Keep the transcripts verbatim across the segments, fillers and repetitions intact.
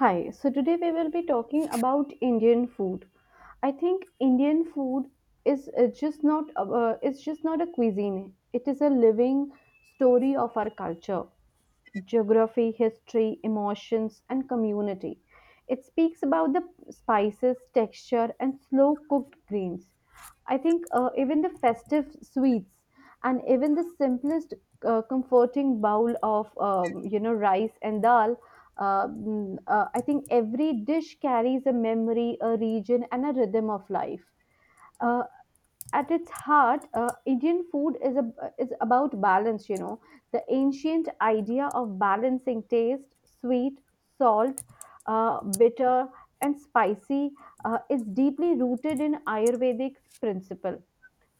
Hi, so today we will be talking about Indian food. I think Indian food is uh, just not uh, it's just not a cuisine. It is a living story of our culture geography, history, emotions, and community. It speaks about the spices, texture, and slow cooked greens. I think uh, even the festive sweets and even the simplest uh, comforting bowl of um, you know rice and dal. Uh, mm, uh, I think every dish carries a memory, a region, and a rhythm of life. Uh, at its heart, uh, Indian food is a, is about balance. You know, the ancient idea of balancing taste, sweet, salt, uh, bitter, and spicy, uh, is deeply rooted in Ayurvedic principle.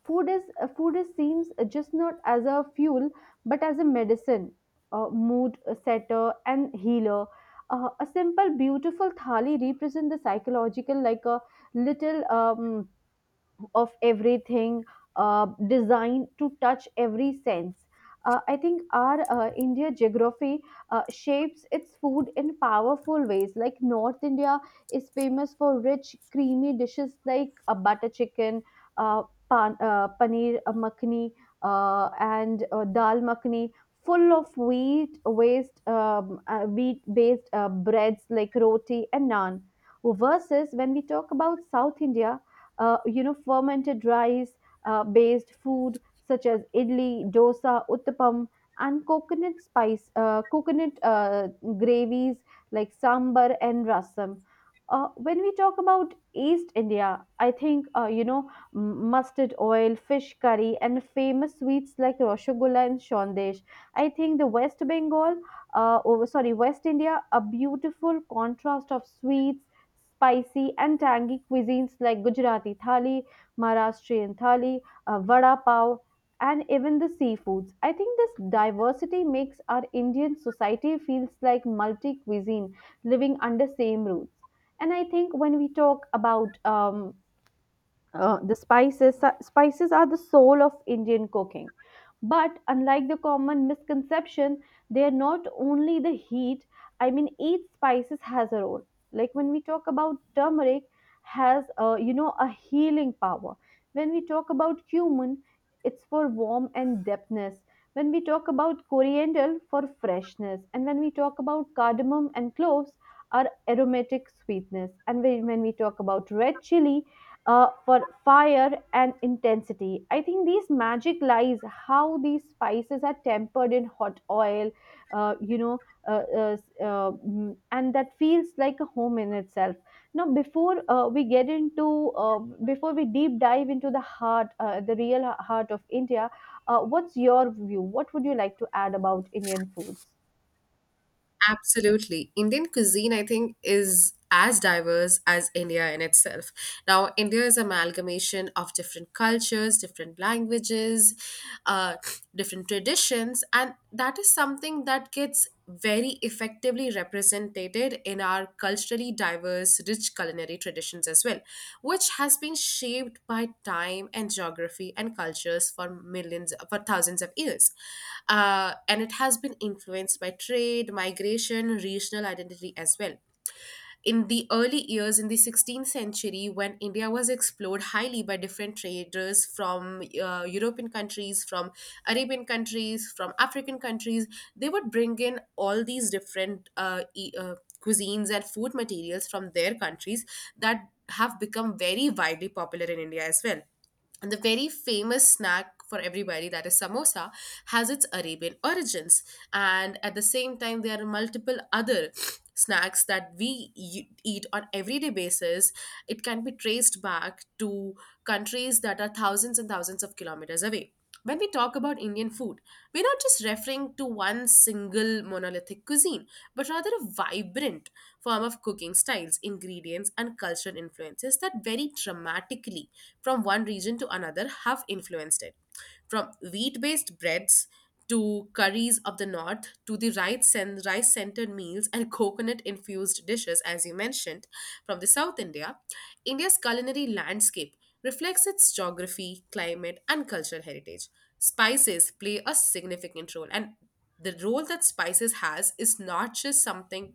Food is uh, food is seems just not as a fuel, but as a medicine, uh, mood setter, and healer. Uh, a simple, beautiful thali represents the psychological, like a little. Um, of everything, uh, designed to touch every sense. Uh, I think our uh, India geography uh, shapes its food in powerful ways. Like North India is famous for rich, creamy dishes like uh, butter chicken, uh, pan, uh, paneer uh, makhni, uh, and uh, dal makhani, full of wheat waste, um, uh, wheat-based uh, breads like roti and naan. Versus when we talk about South India, uh, you know, fermented rice uh, based food such as idli, dosa, uttapam, and coconut spice, uh, coconut uh, gravies like sambar and rasam. Uh, when we talk about East India, I think uh, you know m- mustard oil, fish curry, and famous sweets like rasgulla and shondesh. I think the West Bengal, uh, oh, sorry, West India, a beautiful contrast of sweets spicy and tangy cuisines like Gujarati thali, Maharashtrian thali, uh, vada pav, and even the seafoods. I think this diversity makes our Indian society feels like multi cuisine living under same roots. And I think when we talk about um, uh, the spices uh, spices are the soul of Indian cooking, but unlike the common misconception, they are not only the heat. I mean, each spices has a role. Like when we talk about turmeric, has a, you know, a healing power. When we talk about cumin, it's for warmth and depthness. When we talk about coriander for freshness, and when we talk about cardamom and cloves are aromatic sweetness, and when when we talk about red chili, uh, for fire and intensity. I think these magic lies how these spices are tempered in hot oil, uh, you know, uh, uh, s- uh, mm, and that feels like a home in itself. Now, before uh, we get into, uh, before we deep dive into the heart, uh, the real heart of India, uh, what's your view? What would you like to add about Indian foods? Absolutely. Indian cuisine, I think, is as diverse as India in itself. Now, India is amalgamation of different cultures, different languages, uh, different traditions, and that is something that gets very effectively represented represented in our culturally diverse, rich culinary traditions as well, which has been shaped by time and geography and cultures for millions, for thousands of years. Uh, and it has been influenced by trade, migration, regional identity as well in the early years in the sixteenth century, when India was explored highly by different traders from uh, European countries, from Arabian countries, from African countries. They would bring in all these different uh, e- uh, cuisines and food materials from their countries that have become very widely popular in India as well. And the very famous snack for everybody, that is samosa, has its Arabian origins. And at the same time, there are multiple other snacks that we e- eat on everyday basis. It can be traced back to countries that are thousands and thousands of kilometers away. When we talk about Indian food, we're not just referring to one single monolithic cuisine, but rather a vibrant form of cooking styles, ingredients, and cultural influences that vary dramatically from one region to another have influenced it. From wheat based breads to curries of the north, to the rice and rice centered meals and coconut infused dishes, as you mentioned, from the South India, India's culinary landscape reflects its geography, climate, and cultural heritage. Spices play a significant role, and the role that spices has is not just something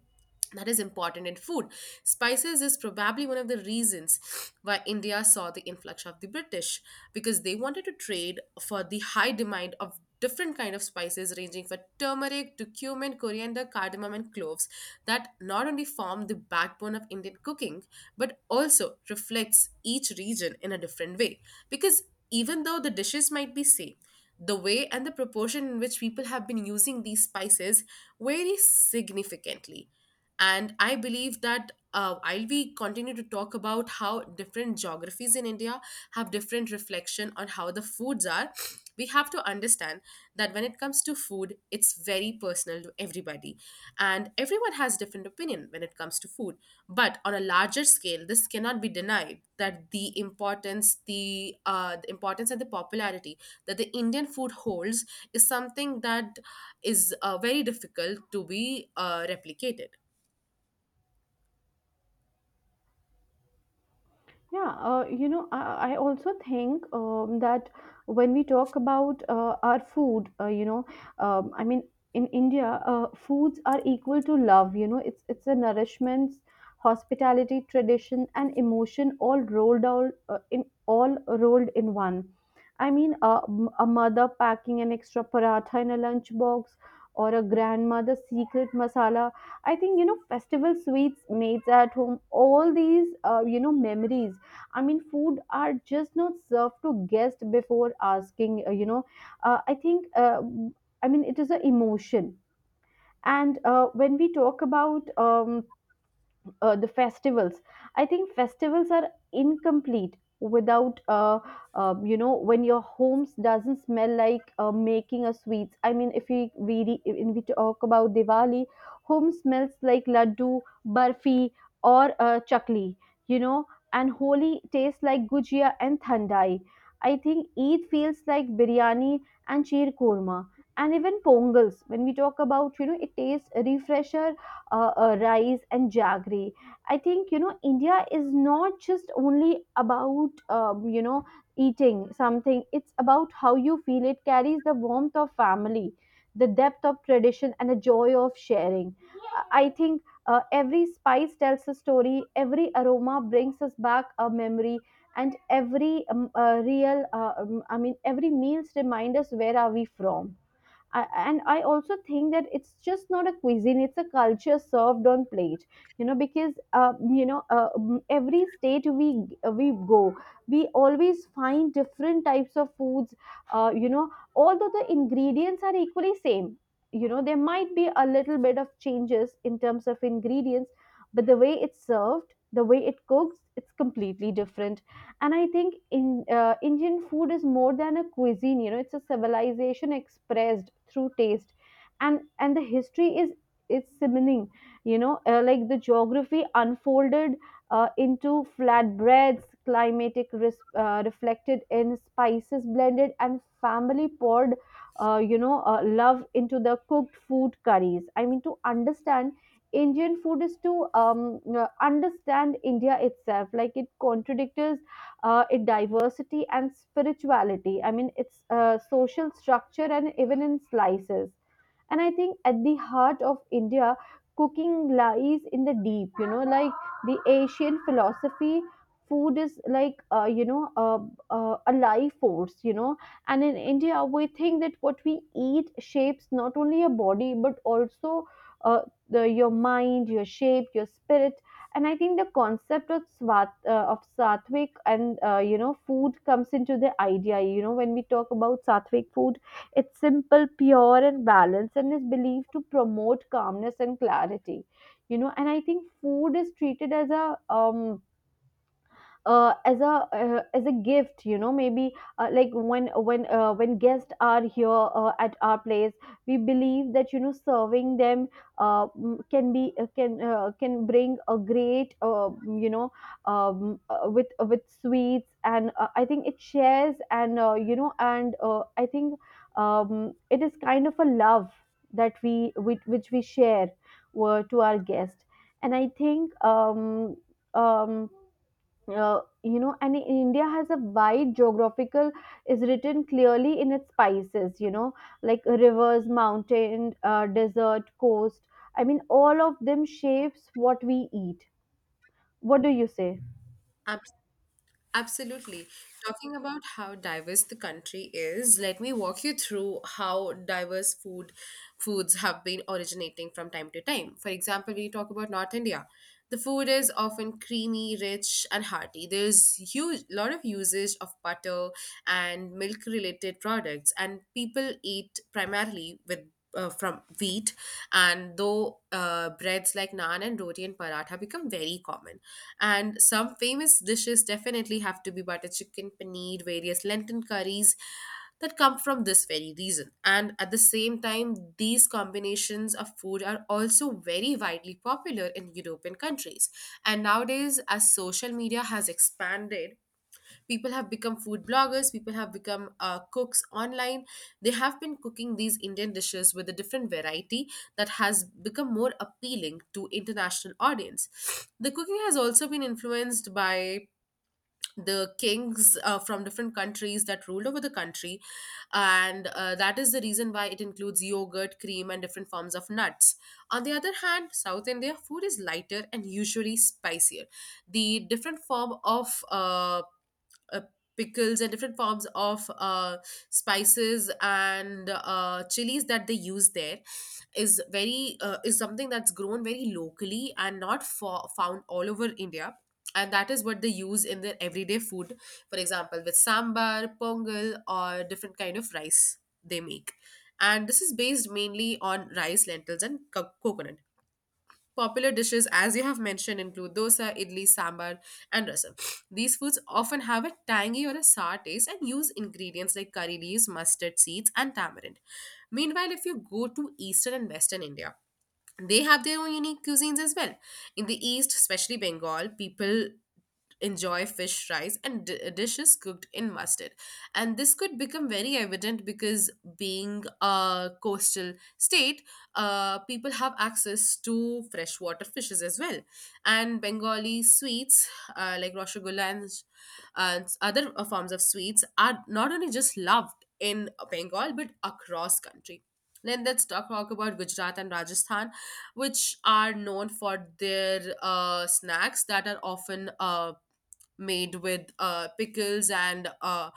that is important in food. Spices is probably one of the reasons why India saw the influx of the British, because they wanted to trade for the high demand of different kind of spices, ranging from turmeric to cumin, coriander, cardamom, and cloves, that not only form the backbone of Indian cooking but also reflects each region in a different way. Because even though the dishes might be same, the way and the proportion in which people have been using these spices vary significantly. And I believe that uh, while we continue to talk about how different geographies in India have different reflection on how the foods are, we have to understand that when it comes to food, it's very personal to everybody. And everyone has different opinion when it comes to food. But on a larger scale, this cannot be denied that the importance, the, uh, the importance and the popularity that the Indian food holds is something that is uh, very difficult to be uh, replicated. Yeah, uh, you know, I, I also think um, that when we talk about uh, our food, uh, you know, um, I mean, in India, uh, foods are equal to love. You know, it's it's a nourishment, hospitality, tradition, and emotion all rolled out uh, in all rolled in one. I mean, a, a mother packing an extra paratha in a lunchbox, or a grandmother secret masala. I think, you know, festival sweets made at home. All these, uh, you know, memories. I mean, food are just not served to guests before asking. uh, You know, uh, I think. Uh, I mean, it is an emotion. And uh, when we talk about um, uh, the festivals, I think festivals are incomplete without uh, um, you know, when your homes doesn't smell like uh, making a sweets. I mean, if we we re- if we talk about Diwali, home smells like laddu, barfi, or uh, chakli, you know. And Holi tastes like gujia and thandai. I think Eid feels like biryani and sheer korma. And even Pongals, when we talk about, you know, it tastes refresher uh, uh, rice and jaggery. I think, you know, India is not just only about, um, you know, eating something. It's about how you feel. It carries the warmth of family, the depth of tradition, and the joy of sharing. I I think uh, every spice tells a story. Every aroma brings us back a memory, and every um, uh, real uh, um, I mean every meals remind us where are we from. I, and I also think that it's just not a cuisine; it's a culture served on plate. You know, because, uh, you know, uh, m- every state we uh, we go, we always find different types of foods. Uh, you know, although the ingredients are equally same, you know, there might be a little bit of changes in terms of ingredients, but the way it's served, the way it cooks, it's completely different. And I think in uh, Indian food is more than a cuisine. You know, it's a civilization expressed through taste. and and the history is is simmering, you know. Uh, like the geography unfolded uh, into flatbreads, climatic res- uh, reflected in spices blended, and family poured uh, you know uh, love into the cooked food curries. I mean, to understand Indian food is to um, uh, understand India itself. Like it contradicts uh, in diversity and spirituality. I mean, it's uh, social structure, and even in slices. And I think at the heart of India, cooking lies in the deep, you know, like the Asian philosophy. Food is like, uh, you know, uh, uh, a life force, you know. And in India, we think that what we eat shapes not only your body, but also uh, the, your mind, your shape, your spirit. And I think the concept of swat uh, of sattvic and, uh, you know, food comes into the idea. You know, when we talk about sattvic food, it's simple, pure, and balanced, and is believed to promote calmness and clarity. You know, and I think food is treated as a um uh, as a uh, as a gift. You know, maybe uh, like when when uh, when guests are here uh, at our place, we believe that, you know, serving them, uh, mm, can be uh, can uh, can bring a great, uh, you know, um, uh, with, uh, with sweets. And uh, I think it shares. And, uh, you know, and uh, I think, um, it is kind of a love that we which, which we share uh, to our guest. And I think, um, um, uh, you know, and India has a wide geographical is written clearly in its spices. You know, like rivers, mountain, uh, desert, coast, I mean all of them shapes what we eat. What do you say? Abs- Absolutely. Talking about how diverse the country is, let me walk you through how diverse food foods have been originating from time to time. For example, when you talk about North India, the food is often creamy, rich, and hearty. There's huge lot of usage of butter and milk related products, and people eat primarily with uh, from wheat. And though uh, breads like naan and roti and paratha become very common, and some famous dishes definitely have to be butter chicken, paneer, various lentil curries that come from this very reason. And at the same time, these combinations of food are also very widely popular in European countries. And nowadays, as social media has expanded, people have become food bloggers, people have become uh, cooks online. They have been cooking these Indian dishes with a different variety that has become more appealing to international audience. The cooking has also been influenced by the kings uh, from different countries that ruled over the country. And uh, that is the reason why it includes yogurt, cream, and different forms of nuts. On the other hand, South India food is lighter and usually spicier. The different form of uh, uh, pickles and different forms of uh, spices and uh, chilies that they use there is very uh, is something that's grown very locally and not fo- found all over India. And that is what they use in their everyday food. For example, with sambar, pongal, or different kind of rice they make. And this is based mainly on rice, lentils, and co- coconut. Popular dishes, as you have mentioned, include dosa, idli, sambar, and rasam. These foods often have a tangy or a sour taste and use ingredients like curry leaves, mustard seeds, and tamarind. Meanwhile, if you go to eastern and western India, they have their own unique cuisines as well. In the East, especially Bengal, people enjoy fish fries and d- dishes cooked in mustard. And this could become very evident because, being a coastal state, uh, people have access to freshwater fishes as well. And Bengali sweets uh, like Rasgulla and uh, other uh, forms of sweets are not only just loved in Bengal but across country. Then let's talk, talk about Gujarat and Rajasthan, which are known for their uh, snacks that are often uh, made with uh, pickles and uh,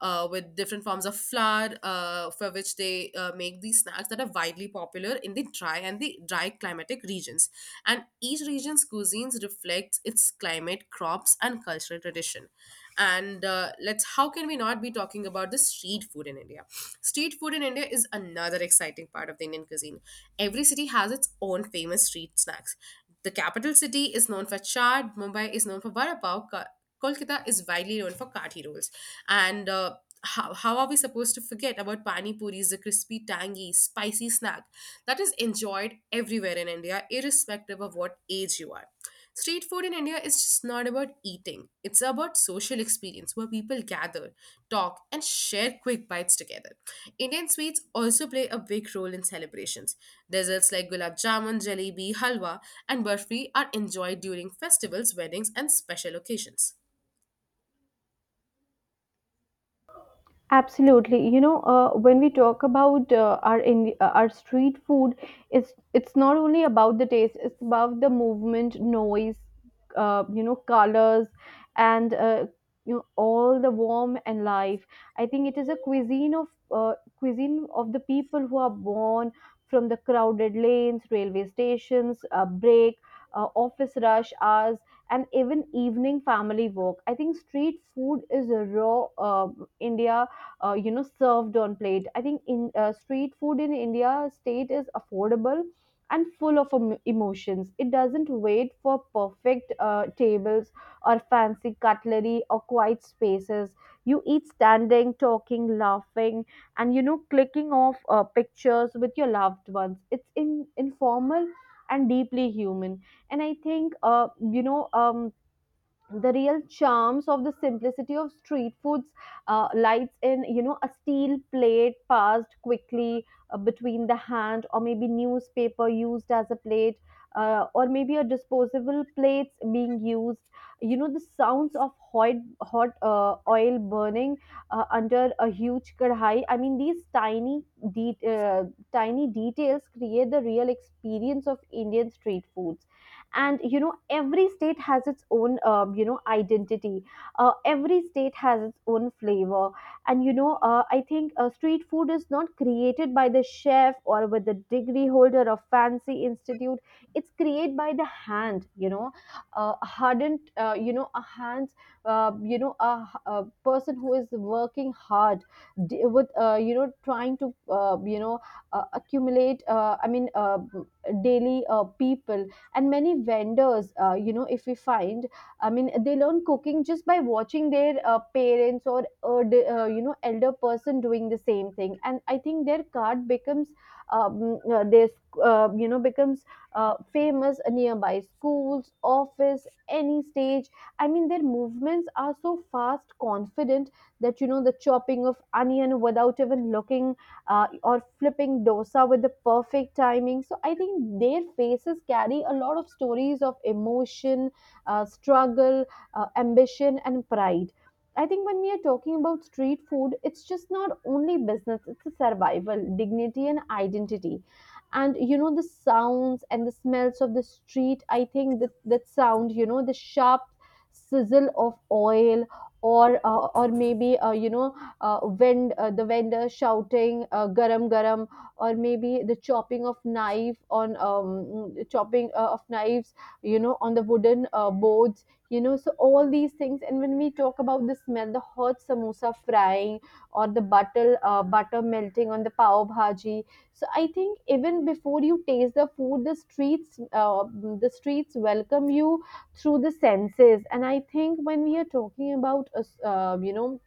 uh, with different forms of flour, uh, for which they uh, make these snacks that are widely popular in the dry and the dry climatic regions. And each region's cuisines reflects its climate, crops, and cultural tradition. And uh, let's how can we not be talking about the street food in India? Street food in India is another exciting part of the Indian cuisine. Every city has its own famous street snacks. The capital city is known for chaat, Mumbai is known for vada pav, Ka- Kolkata is widely known for kathi rolls. And uh, how, how are we supposed to forget about pani puris, the crispy, tangy, spicy snack that is enjoyed everywhere in India, irrespective of what age you are? Street food in India is just not about eating, it's about social experience where people gather, talk, and share quick bites together. Indian sweets also play a big role in celebrations. Desserts like gulab jamun, jalebi, halwa, and barfi are enjoyed during festivals, weddings, and special occasions. Absolutely. You know, uh, when we talk about uh, our in, uh, our street food, it's it's not only about the taste; it's about the movement, noise, uh, you know, colors, and uh, you know, all the warm and life. I think it is a cuisine of uh, cuisine of the people who are born from the crowded lanes, railway stations, uh, break, uh, office rush hours, and even evening family walk. I think street food is a raw uh, India uh, you know served on plate. I think in uh, street food in India state is affordable and full of em- emotions. It doesn't wait for perfect uh, tables or fancy cutlery or quiet spaces. You eat standing, talking, laughing, and, you know, clicking off uh, pictures with your loved ones. It's in informal and deeply human. And I think, uh, you know um, the real charms of the simplicity of street foods uh, lies in, you know, a steel plate passed quickly uh, between the hand, or maybe newspaper used as a plate, uh, or maybe a disposable plates being used. You know, the sounds of hot hot uh, oil burning uh, under a huge kadhai. I mean, these tiny de- uh, tiny details create the real experience of Indian street food. And, you know, every state has its own, um, you know, identity. Uh, every state has its own flavor. And, you know, uh, I think uh, street food is not created by the chef or with the degree holder of fancy institute. It's created by the hand, you know, uh, hardened, uh, you know, a hands. Uh, you know a, a person who is working hard, d- with, uh, you know, trying to, uh, you know uh, accumulate, uh, i mean uh, daily, uh, people. And many vendors, uh, you know, if we find, I mean, they learn cooking just by watching their uh, parents or uh, d- uh, you know elder person doing the same thing. And I think their card becomes, um, uh, their uh, you know, becomes uh, famous nearby schools office, any stage. I mean their movements are so fast, confident, that you know the chopping of onion without even looking, uh, or flipping dosa with the perfect timing. So I think their faces carry a lot of stories of emotion, uh, struggle, uh, ambition, and pride. I think when we are talking about street food, it's just not only business, it's a survival, dignity, and identity. And you know, the sounds and the smells of the street, I think that, that sound, you know, the sharp sizzle of oil or uh, or maybe uh, you know uh, vend- uh, the vendor shouting uh, garam garam, or maybe the chopping of knife on um, chopping uh, of knives you know on the wooden uh, boards. You know so all these things, and when we talk about the smell, the hot samosa frying or the butter uh, butter melting on the pav bhaji. So I think even before you taste the food, the streets uh, the streets welcome you through the senses. And I think when we are talking about uh, s- uh, you know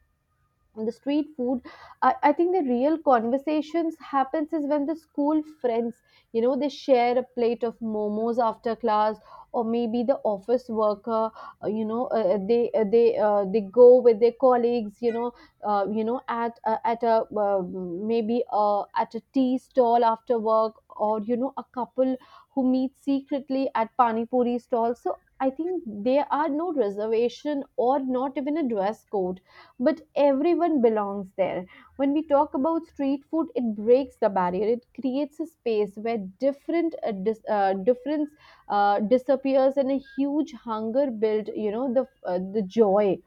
the street food, I, I think the real conversations happens is when the school friends, you know they share a plate of momos after class, or maybe the office worker, uh, you know uh, uh, they uh, they uh, they go with their colleagues, you know uh, you know at uh, at a uh, maybe uh, at a tea stall after work, or you know a couple who meet secretly at pani puri stall. So I think there are no reservation or not even a dress code, but everyone belongs there. When we talk about street food, it breaks the barrier. It creates a space where different uh, dis- uh, difference uh, disappears and a huge hunger build. You know the uh, the joy,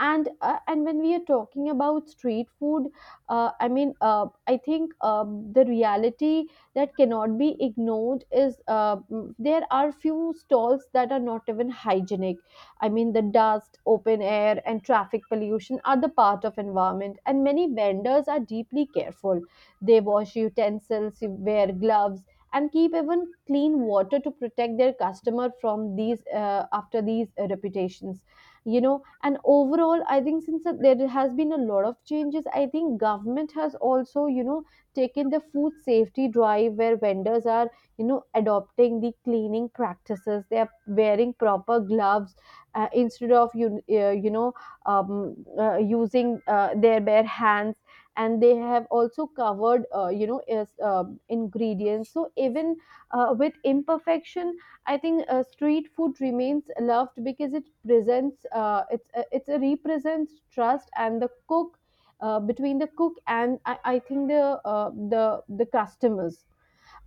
and uh, and when we are talking about street food, uh, i mean uh, i think um, the reality that cannot be ignored is uh, mm, there are few stalls that are not even hygienic. I mean the dust, open air, and traffic pollution are the part of environment, and many vendors are deeply careful. They wash utensils, wear gloves, and keep even clean water to protect their customer from these uh, after these uh, reputations. You know and Overall, I think since that there has been a lot of changes. I think government has also you know taken the food safety drive where vendors are you know adopting the cleaning practices. They are wearing proper gloves uh, instead of you, uh, you know um, uh, using uh, their bare hands, and they have also covered uh, you know is, uh, ingredients. So even uh, with imperfection, I think uh, street food remains loved because it presents uh, it's uh, it's a represents trust and the cook uh, between the cook and I, I think the uh, the the customers.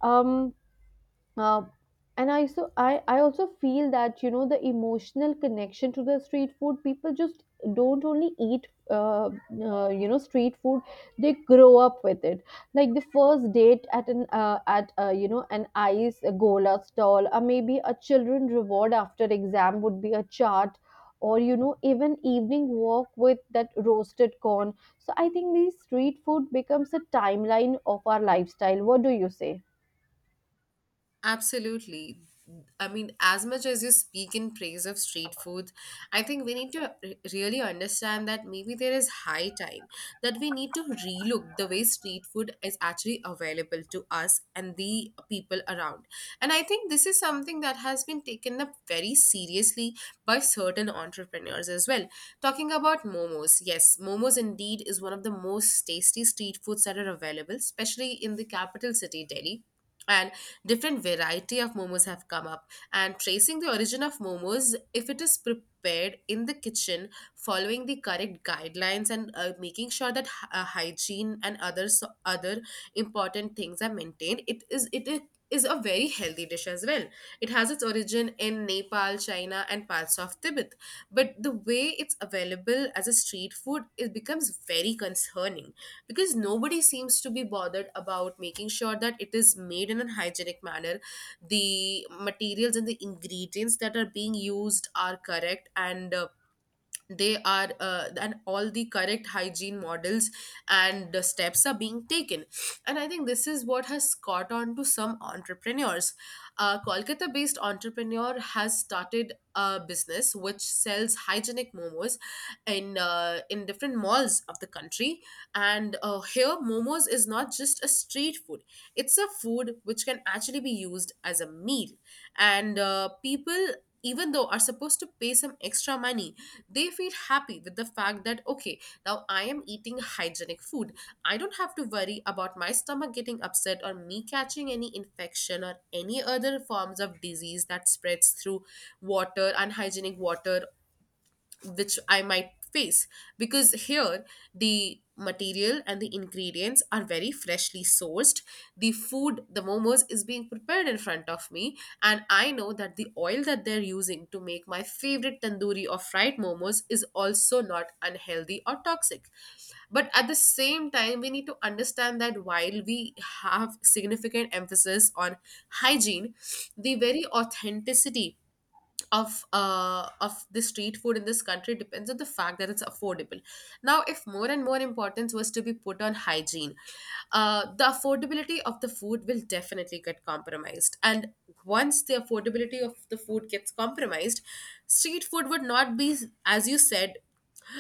Um, uh, and I so I, I also feel that you know the emotional connection to the street food, people just don't only eat uh, uh, you know street food, they grow up with it, like the first date at an uh, at uh, you know an ice gola stall, or maybe a children reward after exam would be a chart, or you know even evening walk with that roasted corn. So I think these street food becomes a timeline of our lifestyle. What do you say? Absolutely. I mean, as much as you speak in praise of street food, I think we need to re- really understand that maybe there is high time that we need to relook the way street food is actually available to us and the people around. And I think this is something that has been taken up very seriously by certain entrepreneurs as well. Talking about momos, yes, momos indeed is one of the most tasty street foods that are available, especially in the capital city, Delhi. And different variety of momos have come up, and tracing the origin of momos, if it is prepared in the kitchen, following the correct guidelines and uh, making sure that hy- uh, hygiene and other so, other important things are maintained, it is it is is a very healthy dish as well. It has its origin in Nepal, China, and parts of Tibet. But the way it's available as a street food, it becomes very concerning because nobody seems to be bothered about making sure that it is made in a hygienic manner, the materials and the ingredients that are being used are correct, and uh, they are uh, and all the correct hygiene models and the steps are being taken. And I think this is what has caught on to some entrepreneurs. A Kolkata based entrepreneur has started a business which sells hygienic momos in uh, in different malls of the country. And uh, here momos is not just a street food, it's a food which can actually be used as a meal. And uh, people even though are supposed to pay some extra money, they feel happy with the fact that okay, now I am eating hygienic food, I don't have to worry about my stomach getting upset or me catching any infection or any other forms of disease that spreads through water unhygienic water, which I might face, because here the material and the ingredients are very freshly sourced. The food, the momos, is being prepared in front of me, and I know that the oil that they're using to make my favorite tandoori or fried momos is also not unhealthy or toxic. But at the same time, we need to understand that while we have significant emphasis on hygiene, the very authenticity of uh, of the street food in this country depends on the fact that it's affordable. Now, if more and more importance was to be put on hygiene, uh, the affordability of the food will definitely get compromised. And once the affordability of the food gets compromised, street food would not be, as you said,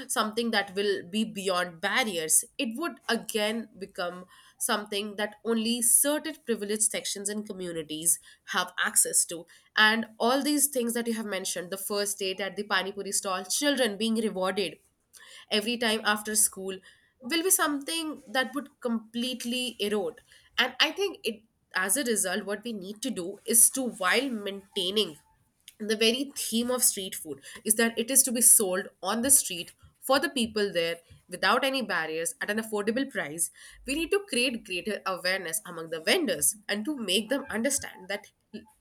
something that will be beyond barriers. It would again become something that only certain privileged sections and communities have access to. And all these things that you have mentioned, the first date at the Pani Puri stall, children being rewarded every time after school, will be something that would completely erode. And I think it, as a result, what we need to do is, to while maintaining the very theme of street food is that it is to be sold on the street for the people there without any barriers at an affordable price, we need to create greater awareness among the vendors and to make them understand that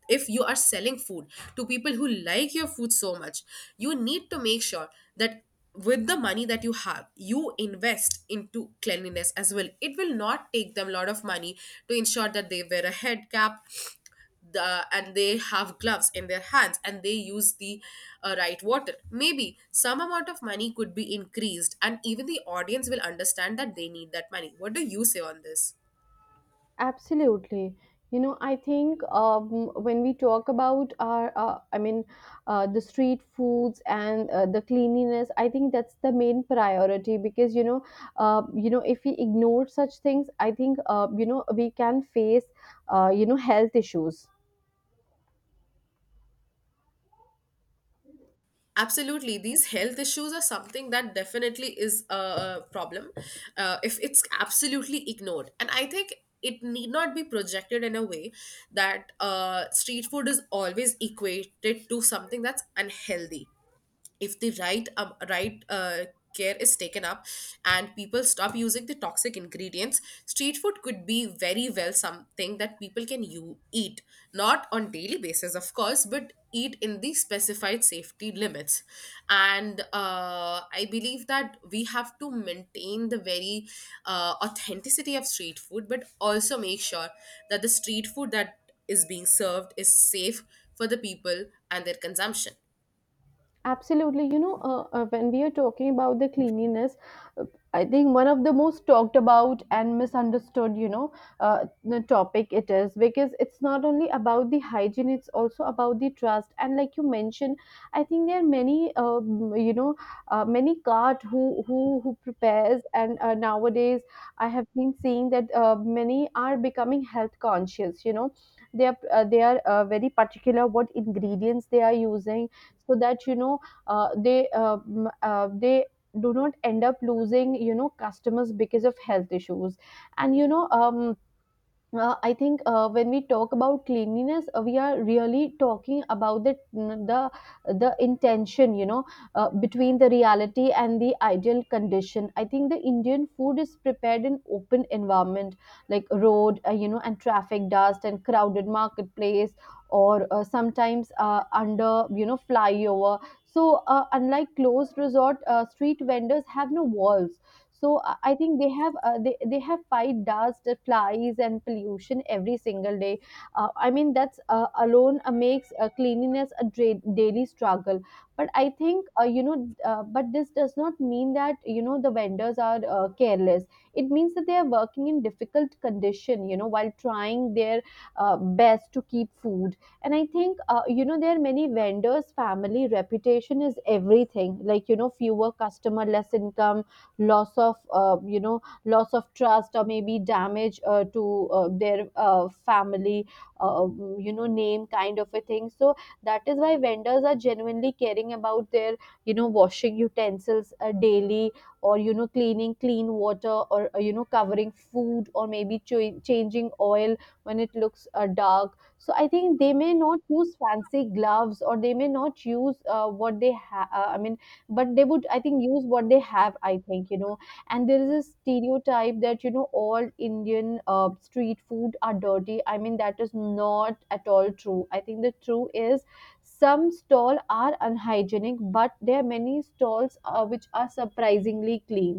if you are selling food to people who like your food so much, you need to make sure that with the money that you have, you invest into cleanliness as well. It will not take them a lot of money to ensure that they wear a head cap, the, and they have gloves in their hands, and they use the uh, right water. Maybe some amount of money could be increased, and even the audience will understand that they need that money. What do you say on this? Absolutely. You know, I think um, when we talk about our, uh, I mean, uh, the street foods and uh, the cleanliness, I think that's the main priority, because you know, uh, you know, if we ignore such things, I think uh, you know we can face, uh, you know, health issues. Absolutely, these health issues are something that definitely is a problem uh, if it's absolutely ignored. And I think it need not be projected in a way that uh, street food is always equated to something that's unhealthy. If the right um, right uh, care is taken up and people stop using the toxic ingredients, street food could be very well something that people can you eat, not on daily basis of course, but eat in the specified safety limits. And uh, I believe that we have to maintain the very uh, authenticity of street food, but also make sure that the street food that is being served is safe for the people and their consumption. Absolutely. You know, uh, uh, when we are talking about the cleanliness, uh, I think one of the most talked about and misunderstood, you know, uh, the topic it is, because it's not only about the hygiene, it's also about the trust. And like you mentioned, I think there are many, um, you know, uh, many cart who who who prepares. And uh, nowadays, I have been seeing that uh, many are becoming health conscious. You know, they are uh, they are uh, very particular what ingredients they are using, so that you know uh, they um, uh, they do not end up losing you know customers because of health issues. And you know um, uh, I think uh, when we talk about cleanliness, uh, we are really talking about the the the intention, you know, uh, between the reality and the ideal condition. I think the Indian food is prepared in open environment, like road, uh, you know, and traffic dust and crowded marketplace, or uh, sometimes uh, under you know flyover. So uh, unlike closed resort, uh, street vendors have no walls. So i I think they have uh, they, they have fight dust flies and pollution every single day. uh, i mean that's uh, alone uh, makes uh, cleanliness a dra- daily struggle. But I think, uh, you know uh, but this does not mean that you know the vendors are uh, careless. It means that they are working in difficult condition, you know while trying their uh, best to keep food. And I think, uh, you know there are many vendors family reputation is everything, like you know fewer customer less income, loss of uh, you know loss of trust, or maybe damage uh, to uh, their uh, family uh, um, you know name kind of a thing. So that is why vendors are genuinely caring about their, you know washing utensils uh, daily, or you know cleaning clean water, or uh, you know covering food, or maybe ch- changing oil when it looks uh, dark. So I think they may not use fancy gloves, or they may not use uh, what they have, uh, i mean but they would, I think, use what they have. I think, you know and there is a stereotype that you know all Indian uh, street food are dirty. I mean that is not at all true. I think the true is, some stall are unhygienic, but there are many stalls uh, which are surprisingly clean.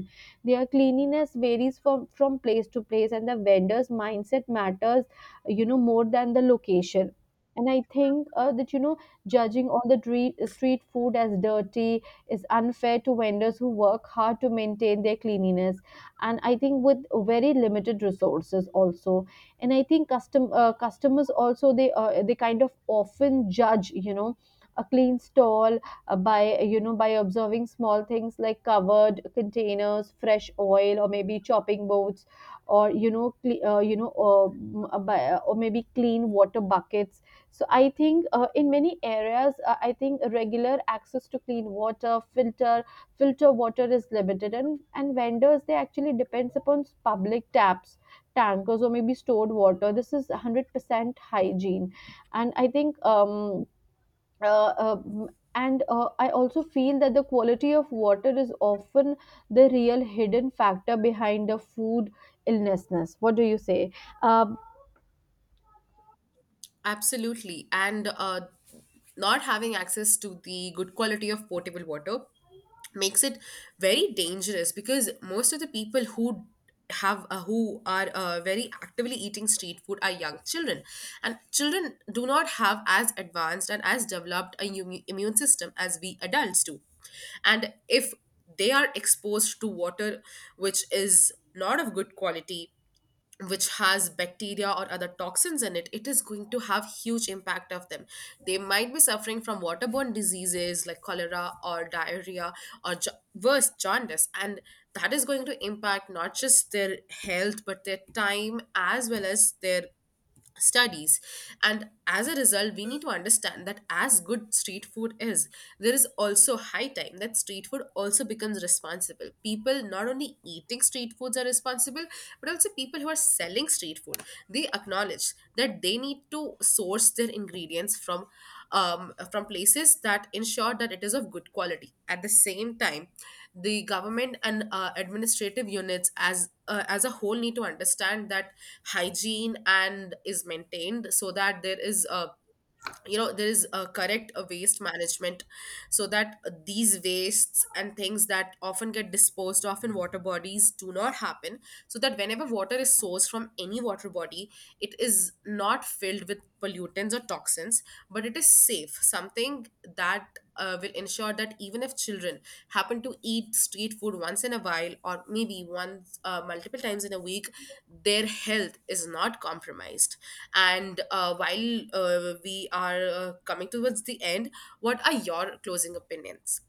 Their cleanliness varies from from place to place, and the vendor's mindset matters, you know more than the location. And I think uh, that you know judging all the dre- street food as dirty is unfair to vendors who work hard to maintain their cleanliness, and I think with very limited resources also. And I think custom uh, customers also, they uh, they kind of often judge, you know a clean stall uh, by you know by observing small things like covered containers, fresh oil, or maybe chopping boards, or you know cle- uh, you know uh, m- uh, by, uh, or maybe clean water buckets. So I think uh, in many areas, uh, I think regular access to clean water, filter, filter water is limited, and and vendors, they actually depends upon public taps, tankers, or maybe stored water. This is one hundred percent hygiene, and I think um uh, um and uh, I also feel that the quality of water is often the real hidden factor behind the food illnessness. What do you say? Uh, Absolutely. And uh, not having access to the good quality of potable water makes it very dangerous, because most of the people who have uh, who are uh, very actively eating street food are young children, and children do not have as advanced and as developed a immu- immune system as we adults do. And if they are exposed to water which is not of good quality, which has bacteria or other toxins in it, it is going to have huge impact of them. They might be suffering from waterborne diseases like cholera or diarrhea, or ja- worse, jaundice. And that is going to impact not just their health, but their time as well as their studies. And as a result, we need to understand that as good street food is, there is also high time that street food also becomes responsible. People not only eating street foods are responsible, but also people who are selling street food, they acknowledge that they need to source their ingredients from um, from places that ensure that it is of good quality. At the same time, the government and uh, administrative units as uh, as a whole need to understand that hygiene and is maintained, so that there is a, you know, there is a correct uh, waste management, so that uh, these wastes and things that often get disposed of in water bodies do not happen, so that whenever water is sourced from any water body, it is not filled with pollutants or toxins, but it is safe. Something that uh, will ensure that even if children happen to eat street food once in a while, or maybe once uh, multiple times in a week, their health is not compromised. And uh, while uh, we are uh, coming towards the end, what are your closing opinions?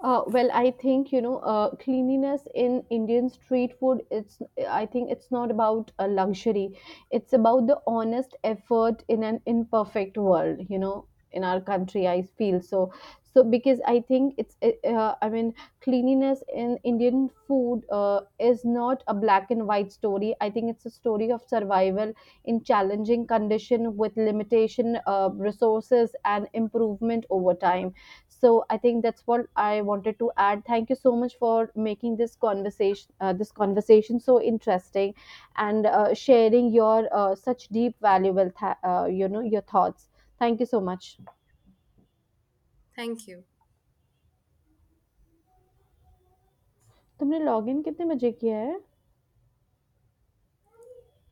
Uh, well, I think you know uh, cleanliness in Indian street food, it's, I think it's not about a luxury. It's about the honest effort in an imperfect world. You know, in our country, I feel so. So because I think it's uh, uh, I mean cleanliness in Indian food uh, is not a black and white story. I think it's a story of survival in challenging condition with limitation uh, resources and improvement over time. So I think that's what I wanted to add. Thank you so much for making this conversation uh, this conversation so interesting, and uh, sharing your uh, such deep valuable th- uh, you know your thoughts. Thank you so much. Thank you तुमने log in कितने मजे किया है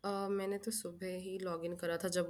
अ, मैंने तो सुबह ही log in करा था जब